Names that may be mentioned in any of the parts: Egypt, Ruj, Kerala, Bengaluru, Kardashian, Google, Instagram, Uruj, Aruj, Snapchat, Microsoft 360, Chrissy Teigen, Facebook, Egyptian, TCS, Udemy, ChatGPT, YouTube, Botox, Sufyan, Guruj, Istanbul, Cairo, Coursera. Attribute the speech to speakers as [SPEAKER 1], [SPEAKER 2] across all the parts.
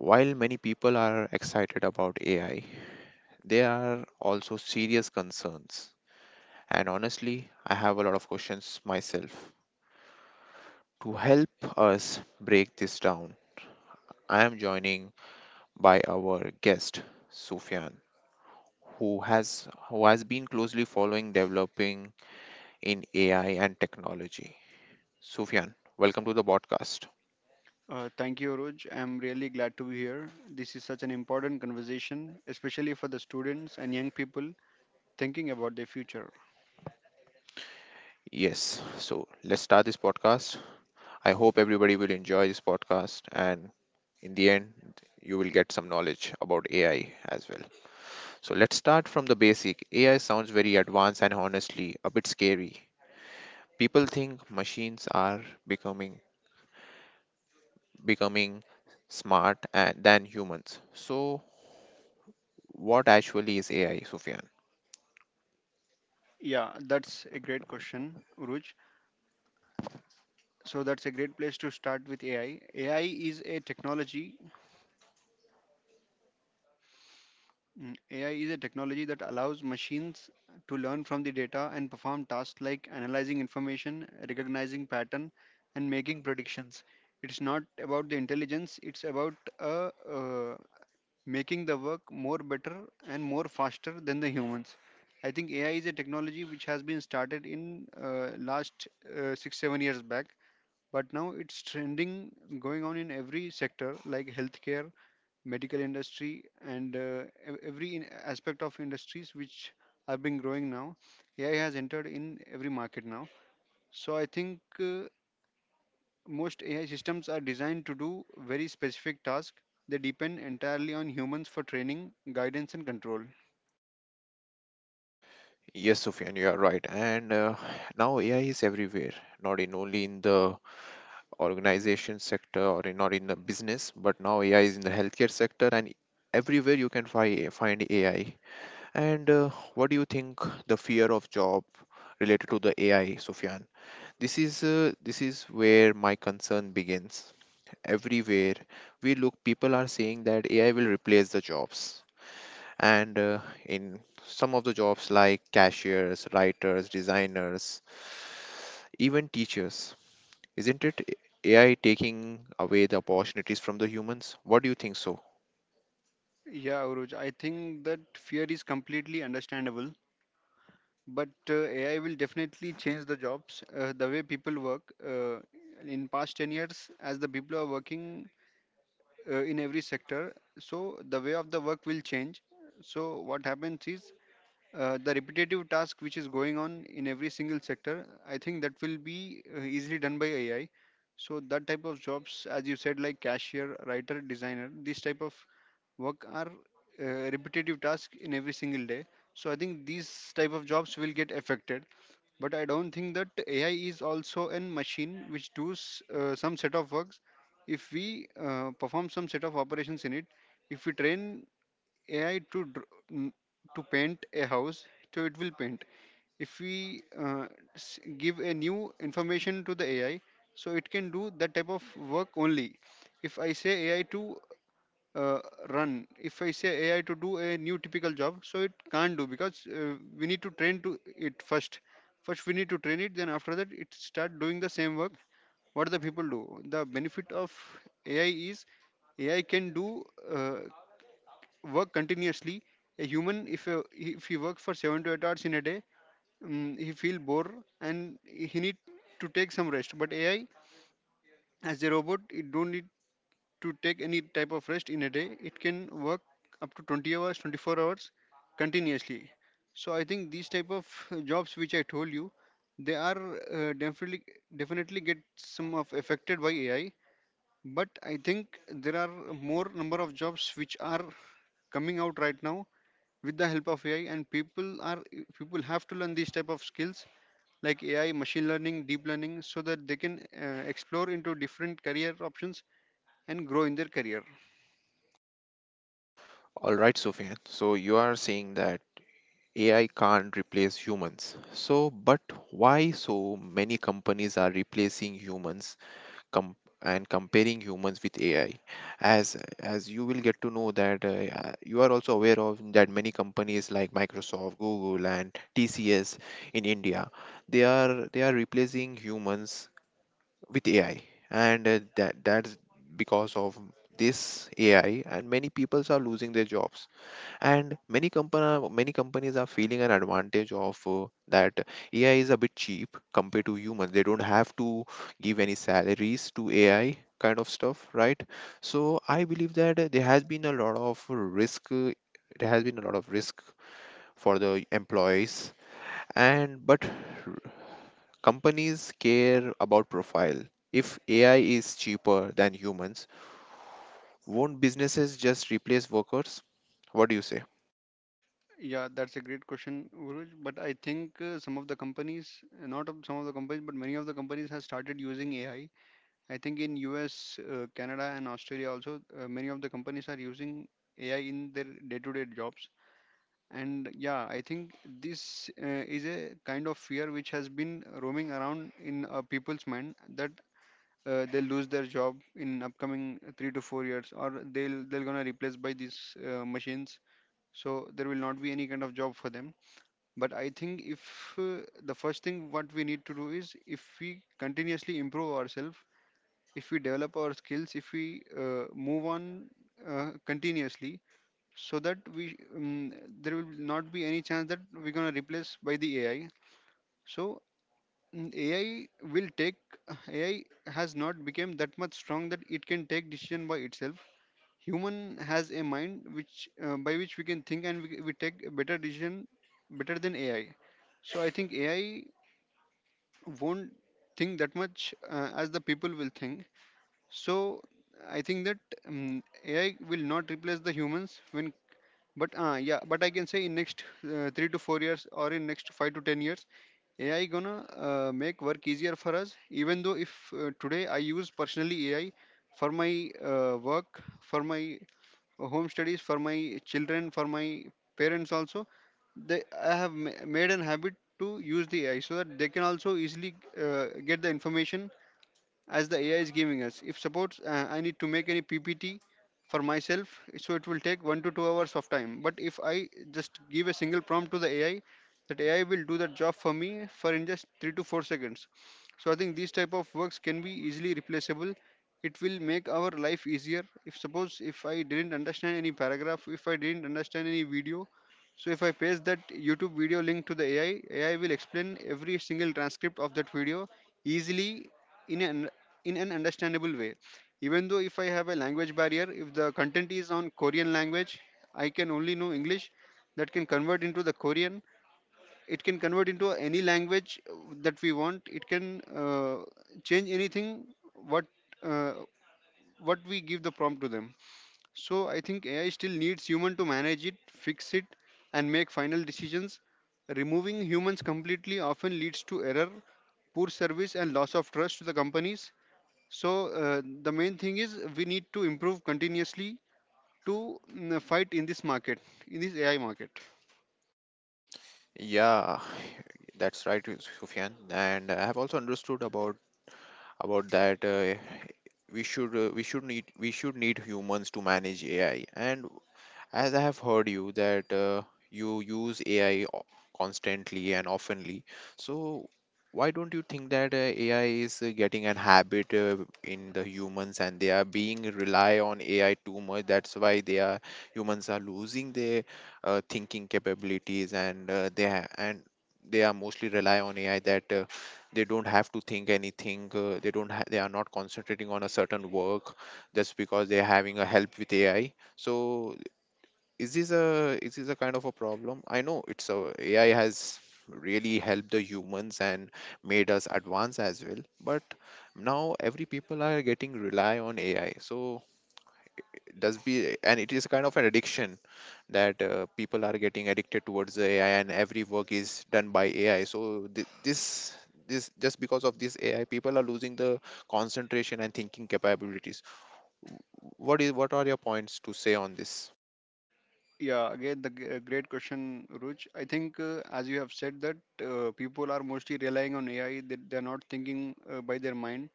[SPEAKER 1] While many people are excited about AI, there are also serious concerns. And honestly, I have a lot of questions myself. To help us break this down, I am joining by our guest, Sufyan. Who has been closely following developing in AI and technology. Sufyan, welcome to the podcast.
[SPEAKER 2] Thank you, Aruj. I'm really glad to be here. This is such an important conversation, especially for the students and young people thinking about their future.
[SPEAKER 1] Yes, so let's start this podcast. I hope everybody will enjoy this podcast and in the end you will get some knowledge about AI as well. So let's start from the basic. AI sounds very advanced and honestly a bit scary. People think machines are becoming smart and than humans. So what actually is AI, Sufyan?
[SPEAKER 2] Yeah, that's a great question, Uruj. So that's a great place to start with AI. AI is a technology. AI is a technology that allows machines to learn from the data and perform tasks like analyzing information, recognizing pattern, and making predictions. It's not about the intelligence. It's about a, uh making the work more better and more faster than the humans. I think AI is a technology which has been started in last 6 7 years back, but now it's trending going on in every sector like healthcare, medical industry, and every aspect of industries which have been growing now. AI has entered in every market now. So I think most AI systems are designed to do very specific tasks. They depend entirely on humans for training, guidance, and control.
[SPEAKER 1] Yes, Sufyan, you are right. And now AI is everywhere, not in only in the organization sector or not in the business, but now AI is in the healthcare sector and everywhere you can fi find AI. And what do you think the fear of job related to the AI, Sufyan? This is where my concern begins. Everywhere we look, people are saying that AI will replace the jobs and in some of the jobs like cashiers, writers, designers, even teachers. Isn't it AI taking away the opportunities from the humans? What do you think so?
[SPEAKER 2] Yeah, Uruj, I think that fear is completely understandable, but AI will definitely change the jobs, the way people work. In past 10 years, as the people are working in every sector, so the way of the work will change. So what happens is the repetitive task which is going on in every single sector, I think that will be easily done by AI. So that type of jobs, as you said, like cashier, writer, designer, these type of work are repetitive tasks in every single day. So I think these type of jobs will get affected, but I don't think that. AI is also a machine which does some set of works. If we perform some set of operations in it, if we train AI to paint a house, so it will paint. If we give a new information to the AI, so it can do that type of work only. If I say AI to uh, run, if I say AI to do a new typical job, so it can't do, because we need to train to it first. First we need to train it, then after that it start doing the same work. What the people do. The benefit of AI is AI can do. Uh, Work continuously. A human, if he work for 7 to 8 hours in a day, he feel bored and he need to take some rest. But AI, as a robot, it don't need to take any type of rest in a day. It can work up to 20 hours, 24 hours continuously. So I think these type of jobs which I told you, they are uh, definitely definitely get some of affected by AI. But I think there are more number of jobs which are coming out right now with the help of AI, and people have to learn these type of skills like AI, machine learning, deep learning so that they can explore into different career options and grow in their career.
[SPEAKER 1] All right, Sofian. So you are saying that AI can't replace humans. So, but why so many companies are replacing humans com- and comparing humans with AI. As you will get to know that you are also aware of that many companies like Microsoft, Google, and TCS in India, they are replacing humans with AI, and that that's because of this AI, and many peoples are losing their jobs and many companies are feeling an advantage of that AI is a bit cheap compared to human. They don't have to give any salaries to AI kind of stuff, right? So I believe that there has been a lot of risk. There has been a lot of risk for the employees, and but r- companies care about profile. If AI is cheaper than humans, won't businesses just replace workers? What do you say?
[SPEAKER 2] Yeah, that's a great question, Guruj. But I think some of the companies, not of some of the companies, but many of the companies have started using AI. I think in US, Canada, and Australia also, many of the companies are using AI in their day-to-day jobs. And yeah, I think this is a kind of fear which has been roaming around in people's mind that they'll lose their job in upcoming 3 to 4 years, or they're going to replace by these machines, so there will not be any kind of job for them. But I think if the first thing what we need to do is, if we continuously improve ourselves, if we develop our skills, if we move on continuously, so that we there will not be any chance that we're going to replace by the AI. So ai will take AI has not become that much strong that it can take decision by itself. Human has a mind which by which we can think, and we take a better decision better than AI. So I think AI won't think that much as the people will think. So I think that AI will not replace the humans when but yeah, but I can say in next 3 to 4 years or in next 5 to 10 years, AI gonna make work easier for us. Even though if today I use personally AI for my work, for my home studies, for my children, for my parents also, they I have made an habit to use the AI so that they can also easily get the information as the AI is giving us. If suppose I need to make any PPT for myself, so it will take 1 to 2 hours of time. But if I just give a single prompt to the AI, that AI will do that job for me for in just 3 to 4 seconds. So I think these type of works can be easily replaceable. It will make our life easier. If suppose if I didn't understand any paragraph, if I didn't understand any video, so if I paste that YouTube video link to the AI, AI will explain every single transcript of that video easily in an in an understandable way. Even though if I have a language barrier, if the content is on Korean language, I can only know English, that can convert into the Korean. It can convert into any language that we want. It can change anything what uh, what we give the prompt to them. So I think AI still needs human to manage it, fix it, and make final decisions. Removing humans completely often leads to error, poor service, and loss of trust to the companies. So the main thing is we need to improve continuously to fight in this market, in this AI market.
[SPEAKER 1] Yeah, that's right, Sufyan. And I have also understood about that we should we should need humans to manage AI. And as I have heard you that you use AI constantly and oftenly, so why don't you think that AI is getting an habit in the humans and they are being rely on AI too much? That's why they are humans are losing their thinking capabilities and they are mostly rely on AI that they don't have to think anything. They don't ha- they are not concentrating on a certain work just because they are having a help with AI, so is this a kind of a problem? I know it's a, AI has really helped the humans and made us advance as well, but now every people are getting rely on AI, so it does be, and it is kind of an addiction that people are getting addicted towards the AI and every work is done by AI. So this, just because of this AI, people are losing the concentration and thinking capabilities. What is what are your points to say on this?
[SPEAKER 2] Yeah, again, the great question, Ruj. I think, as you have said, that people are mostly relying on AI. They're not thinking by their mind.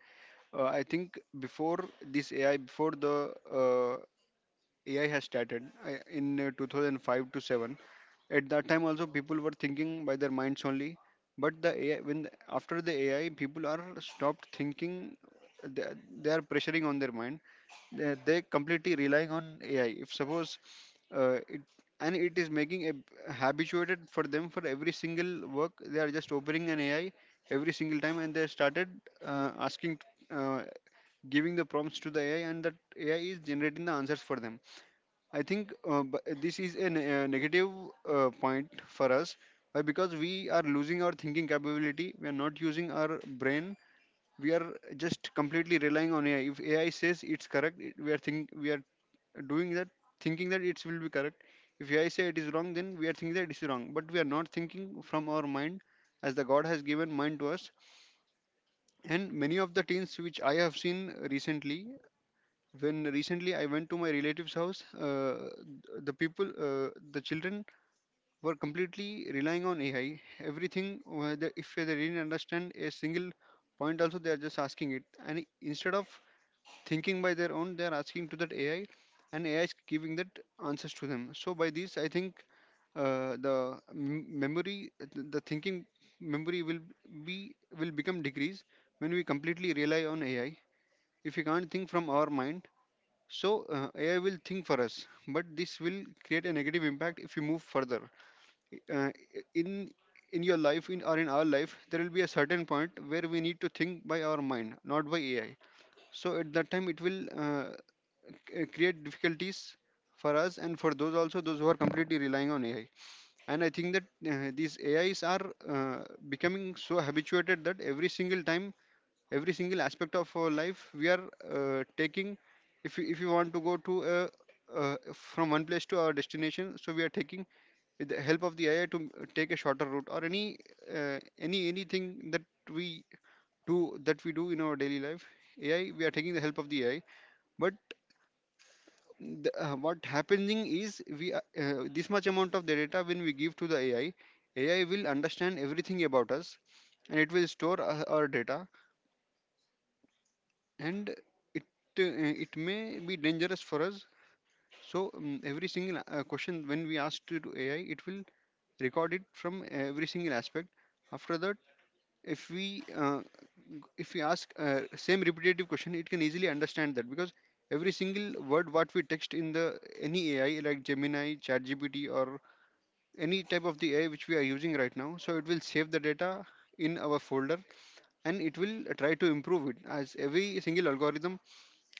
[SPEAKER 2] I think before this AI, before the AI has started in 2005 to 7. At that time, also people were thinking by their minds only. But the AI, after the AI, people are stopped thinking. They, they are pressuring on their mind. They completely relying on AI. If suppose uh, it it is making a habituated for them for every single work. They are just opening an AI every single time, and they started asking. Uh, Giving the prompts to the AI, and that AI is generating the answers for them. I think this is a negative point for us because we are losing our thinking capability. We are not using our brain. We are just completely relying on AI. If AI says it's correct, we are think we are doing that, thinking that it will be correct. If AI say it is wrong, then we are thinking that it is wrong. But we are not thinking from our mind, as the God has given mind to us. And many of the teens which I have seen recently, when recently I went to my relative's house, the children were completely relying on AI. Everything, whether if they didn't understand a single point, also they are just asking it. And instead of thinking by their own, they are asking to that AI, and AI is giving that answers to them. So by this, I think the memory, the thinking memory be will become decrease when we completely rely on AI. If we can't think from our mind, so AI will think for us, but this will create a negative impact if you move further. Uh, in in your life, in or in our life, there will be a certain point where we need to think by our mind, not by AI. So at that time, it will create difficulties for us, and for those also, those who are completely relying on AI. And I think that these AIs are becoming so habituated that every single time every single aspect of our life we are taking if we, if you want to go to from one place to our destination, so we are taking with the help of the ai to take a shorter route or anything that we we do in our daily life. Ai, we are taking the help of the ai. But what happening is this much amount of the data when we give to the ai, ai will understand everything about us, and it will store our data, and it uh, it may be dangerous for us. So every single question when we ask to ai, it will record it from every single aspect. After that, if if we ask same repetitive question, it can easily understand that, because every single word what we text in the any ai like Gemini, ChatGPT, or any type of the ai which we are using right now, so it will save the data in our folder, and it will try to improve it as every single algorithm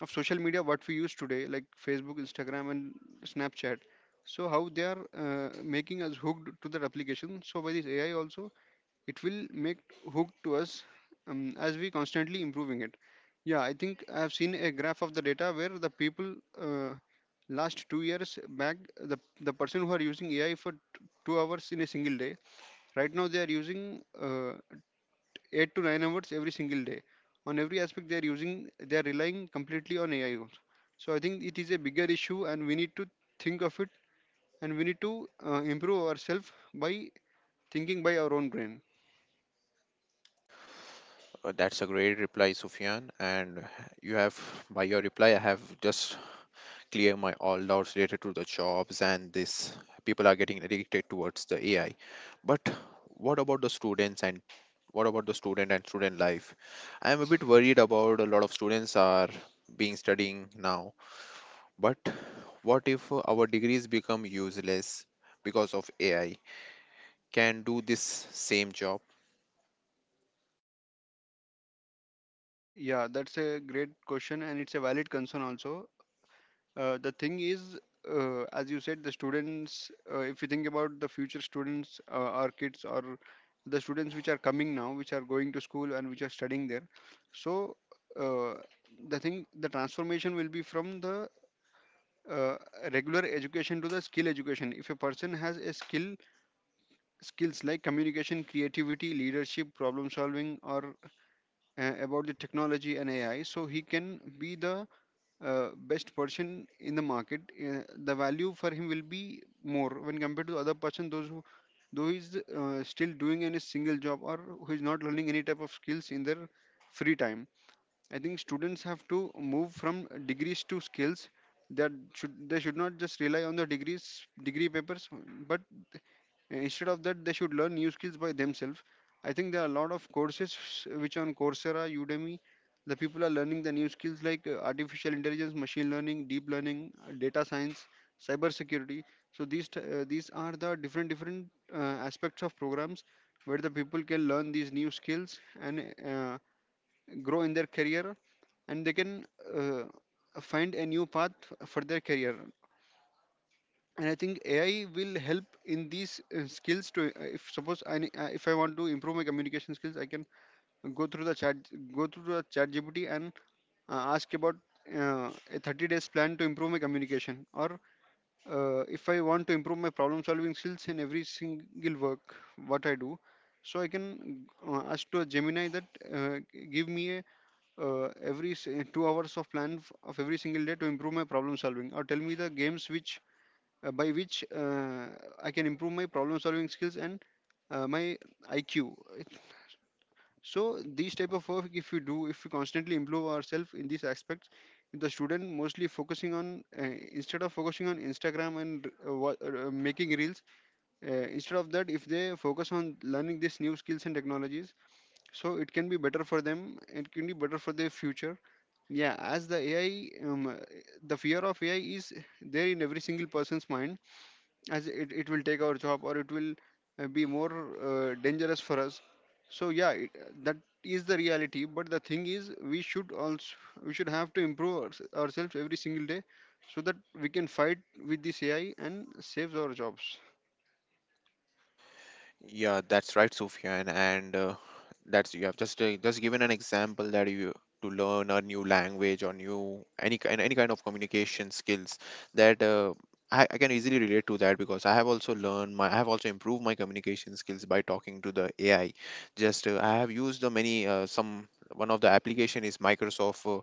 [SPEAKER 2] of social media what we use today like Facebook, Instagram, and Snapchat. So how they are making us hooked to that application, so by this ai also, it will make hooked to us, as we constantly improving it. Yeah, I think I have seen a graph of the data where the people uh, last 2 years back, the the person who are using ai for 2 hours in a single day, right now they are using uh, 8 to 9 hours every single day, on every aspect they are using, they are relying completely on ai also. So I think it is a bigger issue and we need to think of it, and we need to improve ourselves by thinking by our own brain.
[SPEAKER 1] That's a great reply, Sufyan. And you have, by your reply, I have just clear my all doubts related to the jobs and this. People are getting addicted towards the AI. But what about the students, and what about the student and student life? I am a bit worried about a lot of students are being studying now. But what if our degrees become useless because of AI? Can do this same job?
[SPEAKER 2] Yeah, that's a great question, and it's a valid concern also. The thing is, as you said, the students, if you think about the future students, our kids, or the students which are coming now, which are going to school and which are studying there. So, uh, the thing, the transformation will be from the uh, regular education to the skill education. If a person has a skill, skills like communication, creativity, leadership, problem solving, or about the technology and AI, so he can be the best person in the market, the value for him will be more when compared to other person those who though he's still doing any single job or who is not learning any type of skills in their free time. I think students have to move from degrees to skills. That should they should not just rely on the degree papers, but instead of that, they should learn new skills by themselves. I think there are a lot of courses which on Coursera, Udemy, the people are learning the new skills like artificial intelligence, machine learning, deep learning, data science, cyber security. So these are the different different uh, aspects of programs where the people can learn these new skills and grow in their career, and they can uh, find a new path for their career. And I think ai will help in these skills to if suppose if I want to improve my communication skills, I can go through the chat go through the chat gpt and ask about uh, a 30 days plan to improve my communication. Or if I want to improve my problem solving skills in every single work what I do, so I can ask to a gemini that uh, give me 2 hours of plan of every single day to improve my problem solving, or tell me the games which by which I can improve my problem solving skills and my IQ. So these type of work, if we do, if we constantly improve ourselves in these aspects, if the student mostly focusing on instead of focusing on Instagram and making reels, uh, instead of that, if they focus on learning these new skills and technologies, so it can be better for them. It can be better for their future. Yeah, as the AI, the fear of AI is there in every single person's mind, as it will take our job or it will be more dangerous for us. So yeah, that is the reality, but the thing is we should also we should have to improve ourselves every single day so that we can fight with this ai and saves our jobs.
[SPEAKER 1] Yeah, that's right, Sufyan. And that's you have just given an example that you to learn a new language or new any kind of communication skills, that I can easily relate to that because I have also learned my I have also improved my communication skills by talking to the AI. Just I have used the many some, one of the application is Microsoft uh,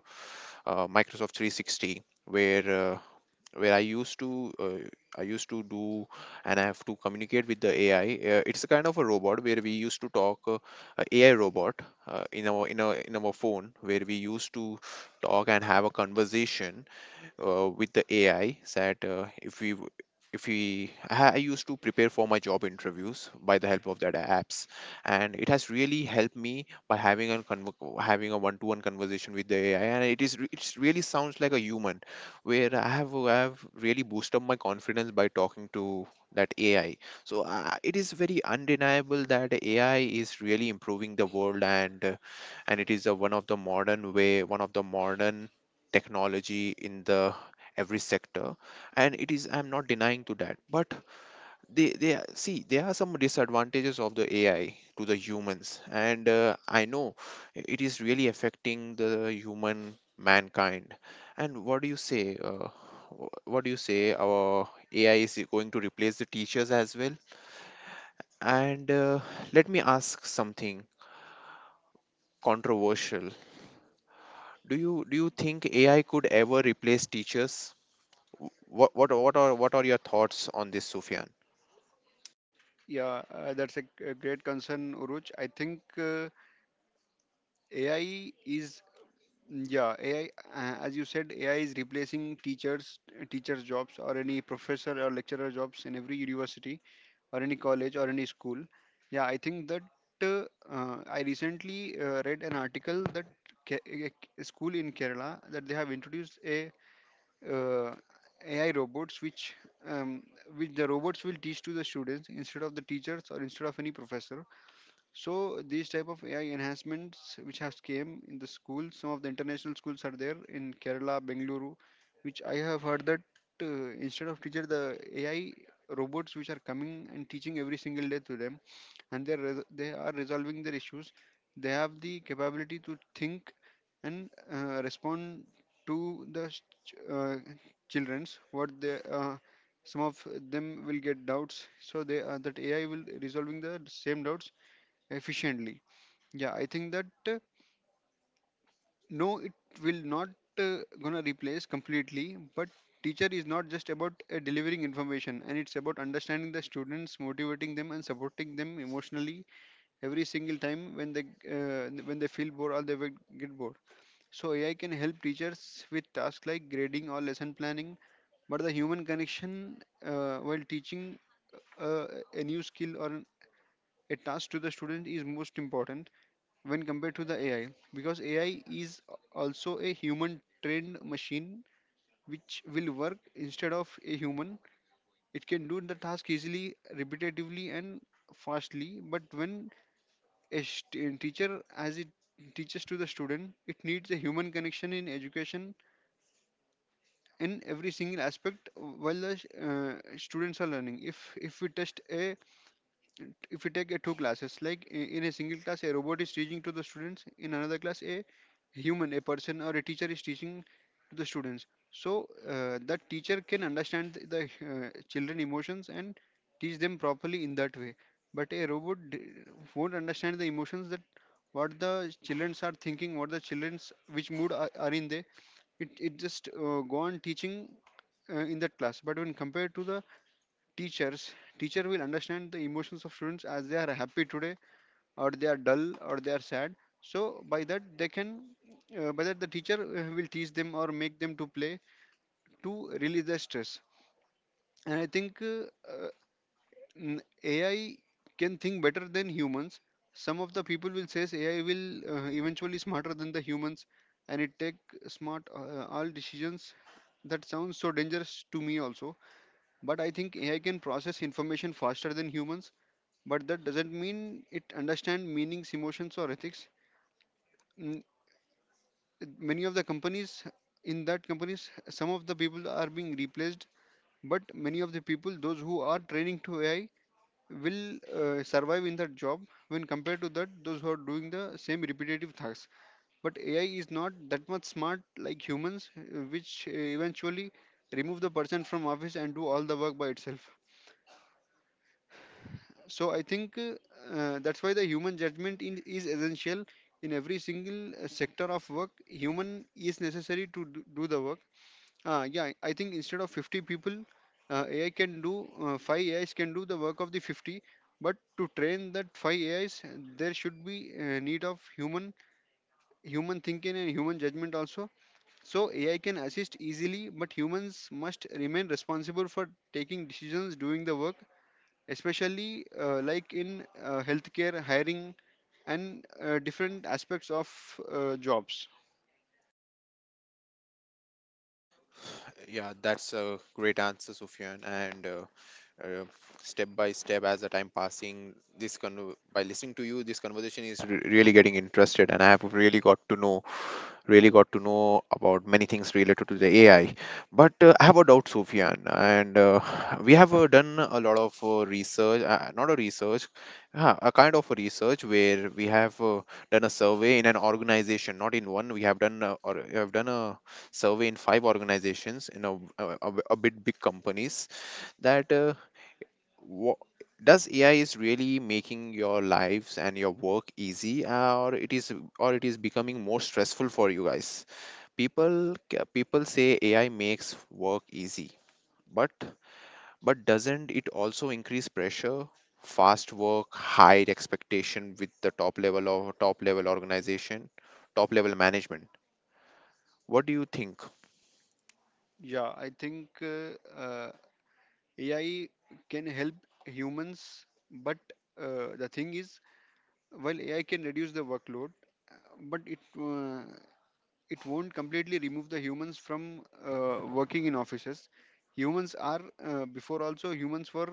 [SPEAKER 1] uh, Microsoft 360, where where I used to uh, I used to do and I have to communicate with the AI. It's a kind of a robot where we used to talk a AI robot in our phone where we used to talk and have a conversation with the AI. That if we w- if we I used to prepare for my job interviews by the help of that apps, and it has really helped me by having a one-to-one conversation with the AI, and it's really sounds like a human, where I have really boosted my confidence by talking to that AI. So it is very undeniable that AI is really improving the world and it is one of the modern way, one of the modern technology in the every sector, and it is, I'm not denying to that, but see there are some disadvantages of the AI to the humans, and I know it is really affecting the human mankind. And what do you say uh, what do you say our AI is going to replace the teachers as well? And let me ask something controversial. Do you do you think AI could ever replace teachers? What are what are your thoughts on this, Sufyan?
[SPEAKER 2] Yeah, that's a great concern, Uruj. I think ai is, yeah, ai, as you said, ai is replacing teachers, teachers jobs, or any professor or lecturer jobs in every university or any college or any school. Yeah, I think that uh, I recently read an article that Ke- a a school in Kerala, that they have introduced a uh, AI robots um, which the robots will teach to the students instead of the teachers or instead of any professor. So these type of AI enhancements which have came in the school, some of the international schools are there in Kerala, Bengaluru, which I have heard that instead of teacher the AI robots which are coming and teaching every single day to them, and they are resolving their issues. They have the capability to think and respond to uh, childrens. What they some of them will get doubts, so they that AI will resolving the same doubts efficiently. Yeah, I think that, uh, no, it will not uh, gonna replace completely, but teacher is not just about delivering information, and it's about understanding the students, motivating them, and supporting them emotionally every single time when they feel bored or they will get bored. So ai can help teachers with tasks like grading or lesson planning, but the human connection while teaching uh, a new skill or a task to the student is most important when compared to the AI, because AI is also a human trained machine which will work instead of a human. It can do the task easily, repetitively, and fastly. But when teacher, as it teaches to the student, it needs a human connection in education in every single aspect while the students are learning. If we test a if you take a two classes like in a single class a robot is teaching to the students, in another class a human, a person or a teacher is teaching to the students, so that teacher can understand the children emotions and teach them properly in that way. But a robot won't understand the emotions, that what the childrens are thinking, what the childrens which mood are in there. It just go on teaching in that class. But when compared to the teacher will understand the emotions of students, as they are happy today, or they are dull, or they are sad. So by that they can, by that the teacher will teach them or make them to play to release their stress. And I think, uh, n- ai can think better than humans, some of the people will says ai will eventually smarter than the humans, and it take smart all decisions. That sounds so dangerous to me also, but I think ai can process information faster than humans, but that doesn't mean it understand meanings, emotions, or ethics. Mm, many of the companies, in that companies, some of the people are being replaced, but many of the people those who are training to ai will survive in that job when compared to that those who are doing the same repetitive tasks. But ai is not that much smart like humans, which eventually remove the person from office and do all the work by itself. So I think that's why the human judgment is essential in every single sector of work. Human is necessary to do the work. Yeah, I think instead of 50 people, AI can do, five AIs can do the work of the 50. But to train that five AIs, there should be need of human, human thinking and human judgment also. So AI can assist easily, but humans must remain responsible for taking decisions, doing the work, especially like in healthcare, hiring and different aspects of jobs.
[SPEAKER 1] Yeah, that's a great answer, Sufyan. And uh, step by step, as the time passing, this by listening to you, this conversation is really getting interested, and I have really got to know about many things related to the AI. But I have a doubt, Sufyan, and we have done a lot of research, not a research, a kind of a research where we have done a survey in an organization, not in one. We have done a survey in five organizations in a bit big companies. That what does AI is really making your lives and your work easy, or it is, or it is becoming more stressful for you guys? People people say AI makes work easy, but doesn't it also increase pressure? Fast work, high expectation with the top level organization, top level management. What do you think?
[SPEAKER 2] Yeah i think AI can help humans, but the thing is, while AI can reduce the workload, uh, but it it won't completely remove the humans from working in offices. Humans are— before also humans were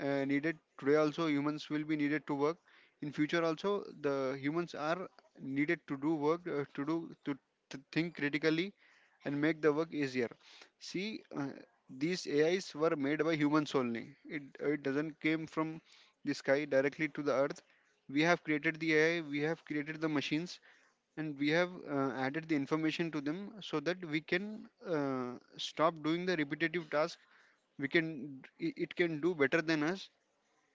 [SPEAKER 2] needed, today also humans will be needed to work, in future also the humans are needed to do work, to think critically and make the work easier. See, these AIs were made by humans only. It doesn't came from the sky directly to the earth. We have created the AI, we have created the machines, and we have added the information to them so that we can stop doing the repetitive task. We can it it can do better than us,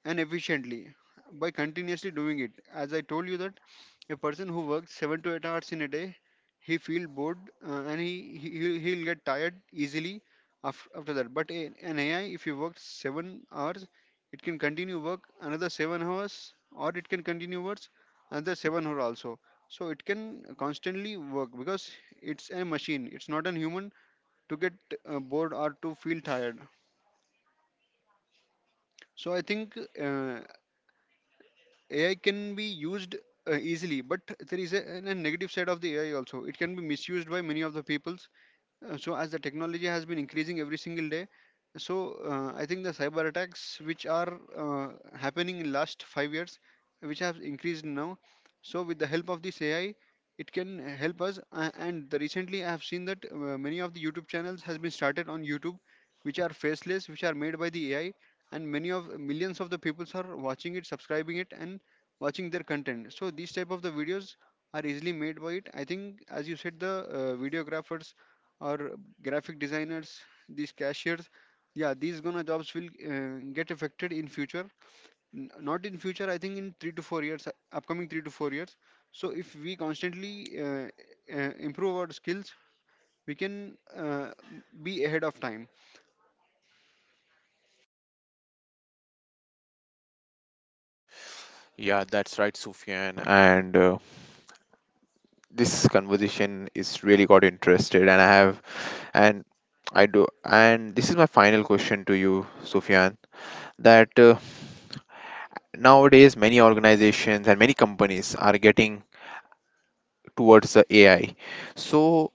[SPEAKER 2] and efficiently, by continuously doing it. As I told you that a person who works 7 to 8 hours in a day, he feel bored, and he'll get tired easily after that. But a, an AI, if you work 7 hours, it can continue work another 7 hours, or it can continue works another 7 hour also. So it can constantly work because it's a machine. It's not a human to get bored or to feel tired. So I think AI can be used easily, but there is a negative side of the AI also. It can be misused by many of the people. So as the technology has been increasing every single day, so I think the cyber attacks, which are happening, in last 5 years, which have increased now, so with the help of this AI, it can help us. And the Recently I have seen that many of the YouTube channels has been started on YouTube, which are faceless, which are made by the AI, and many of millions of the peoples are watching it, subscribing it and watching their content. So these type of the videos are easily made by it. I think, as you said, the videographers or graphic designers, these cashiers, yeah, these gonna jobs will get affected in future. Not in future, I think in 3 to 4 years, upcoming 3 to 4 years. So if we constantly improve our skills, we can be ahead of time.
[SPEAKER 1] Yeah, that's right, Sufyan. And this conversation is really got interested, and I have, And I do. And this is my final question to you, Sufyan. That nowadays many organizations and many companies are getting towards the AI. So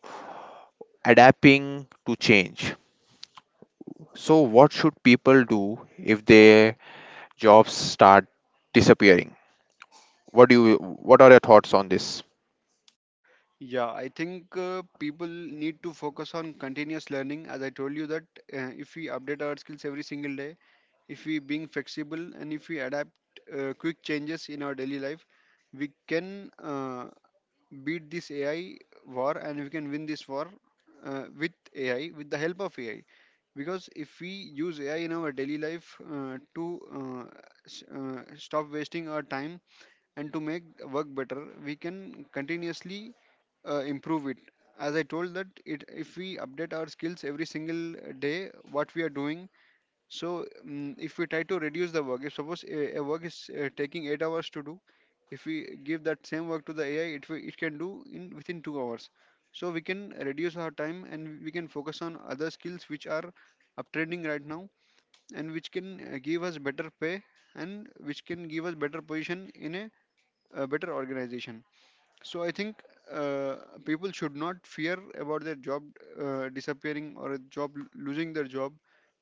[SPEAKER 1] adapting to change. So what should people do if their jobs start disappearing? What do you? What are your thoughts on this?
[SPEAKER 2] Yeah, I think people need to focus on continuous learning. As I told you that if we update our skills every single day, if we being flexible, and if we adapt quick changes in our daily life, we can beat this AI war, and we can win this war with AI, with the help of AI. Because if we use AI in our daily life s- uh, stop wasting our time and to make work better, we can continuously improve it. As I told that, it if we update our skills every single day, what we are doing, so, mm if we try to reduce the work, if suppose a work is taking 8 hours to do, if we give that same work to the AI, it can do in within 2 hours. So we can reduce our time, and we can focus on other skills which are uptrending right now, and which can give us better pay, and which can give us better position in a better organization. So I think uh, people should not fear about their job disappearing, or a job, losing their job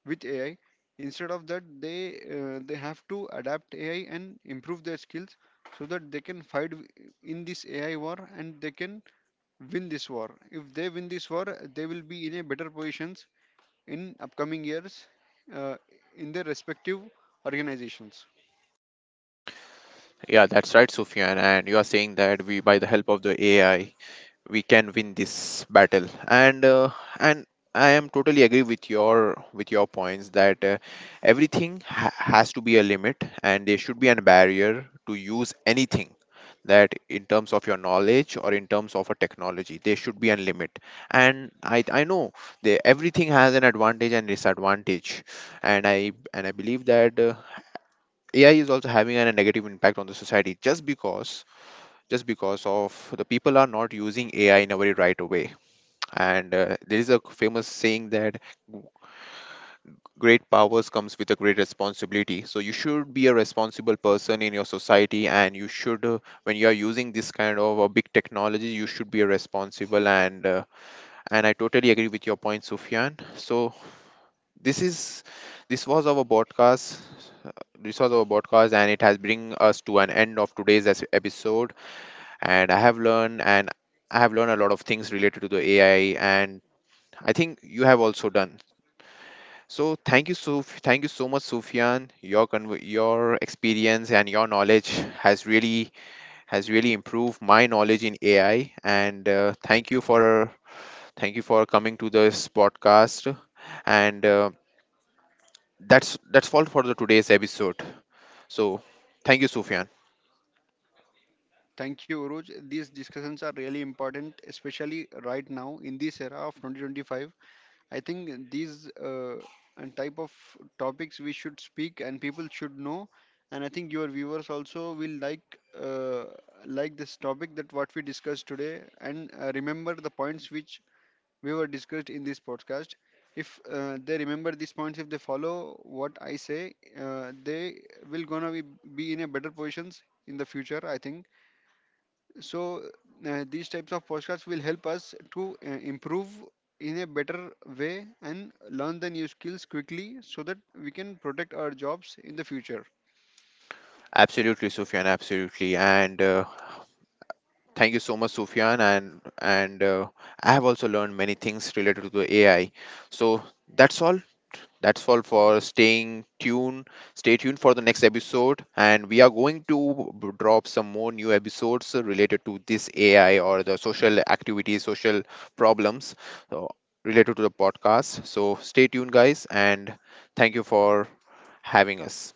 [SPEAKER 2] with AI. Instead of that, they have to adapt AI and improve their skills so that they can fight in this AI war, and they can win this war. If they win this war, they will be in a better positions in upcoming years, uh, in their respective organizations.
[SPEAKER 1] Yeah, that's right, Sufyan. And you are saying that we, by the help of the AI, we can win this battle. And and I am totally agree with your points that everything has to be a limit, and there should be a barrier to use anything, that in terms of your knowledge or in terms of a technology there should be a limit. And I know they, everything has an advantage and disadvantage. And I believe that AI is also having a negative impact on the society, just because of the people are not using AI in a very right way. And there is a famous saying that great powers comes with a great responsibility. So you should be a responsible person in your society, and you should, when you are using this kind of a big technology, you should be a responsible. And I totally agree with your point, Sufyan. So this is, this was our podcast. This was our podcast, and it has bring us to an end of today's episode. And I have learned a lot of things related to the AI, and I think you have also done. So thank you so much, Sufyan. Your your experience and your knowledge has really, has really improved my knowledge in AI. And thank you for coming to this podcast. And that's all for the today's episode. So thank you, Sufyan.
[SPEAKER 2] Thank you, Uruj. These discussions are really important, especially right now in this era of 2025. I think these and type of topics we should speak, and people should know. And I think your viewers also will uh, like this topic that what we discussed today, and remember the points which we were discussed in this podcast. If they remember these points, if they follow what I say, they will be in a better positions in the future. I think so. These types of podcasts will help us to improve in a better way, and learn the new skills quickly, so that we can protect our jobs in the future.
[SPEAKER 1] Absolutely, Sufyan, absolutely. And thank you so much, Sufyan. And I have also learned many things related to the AI. So that's all. That's all for staying tuned. Stay tuned for the next episode, and we are going to drop some more new episodes related to this AI or the social activities, social problems, so related to the podcast. So stay tuned, guys, and thank you for having us.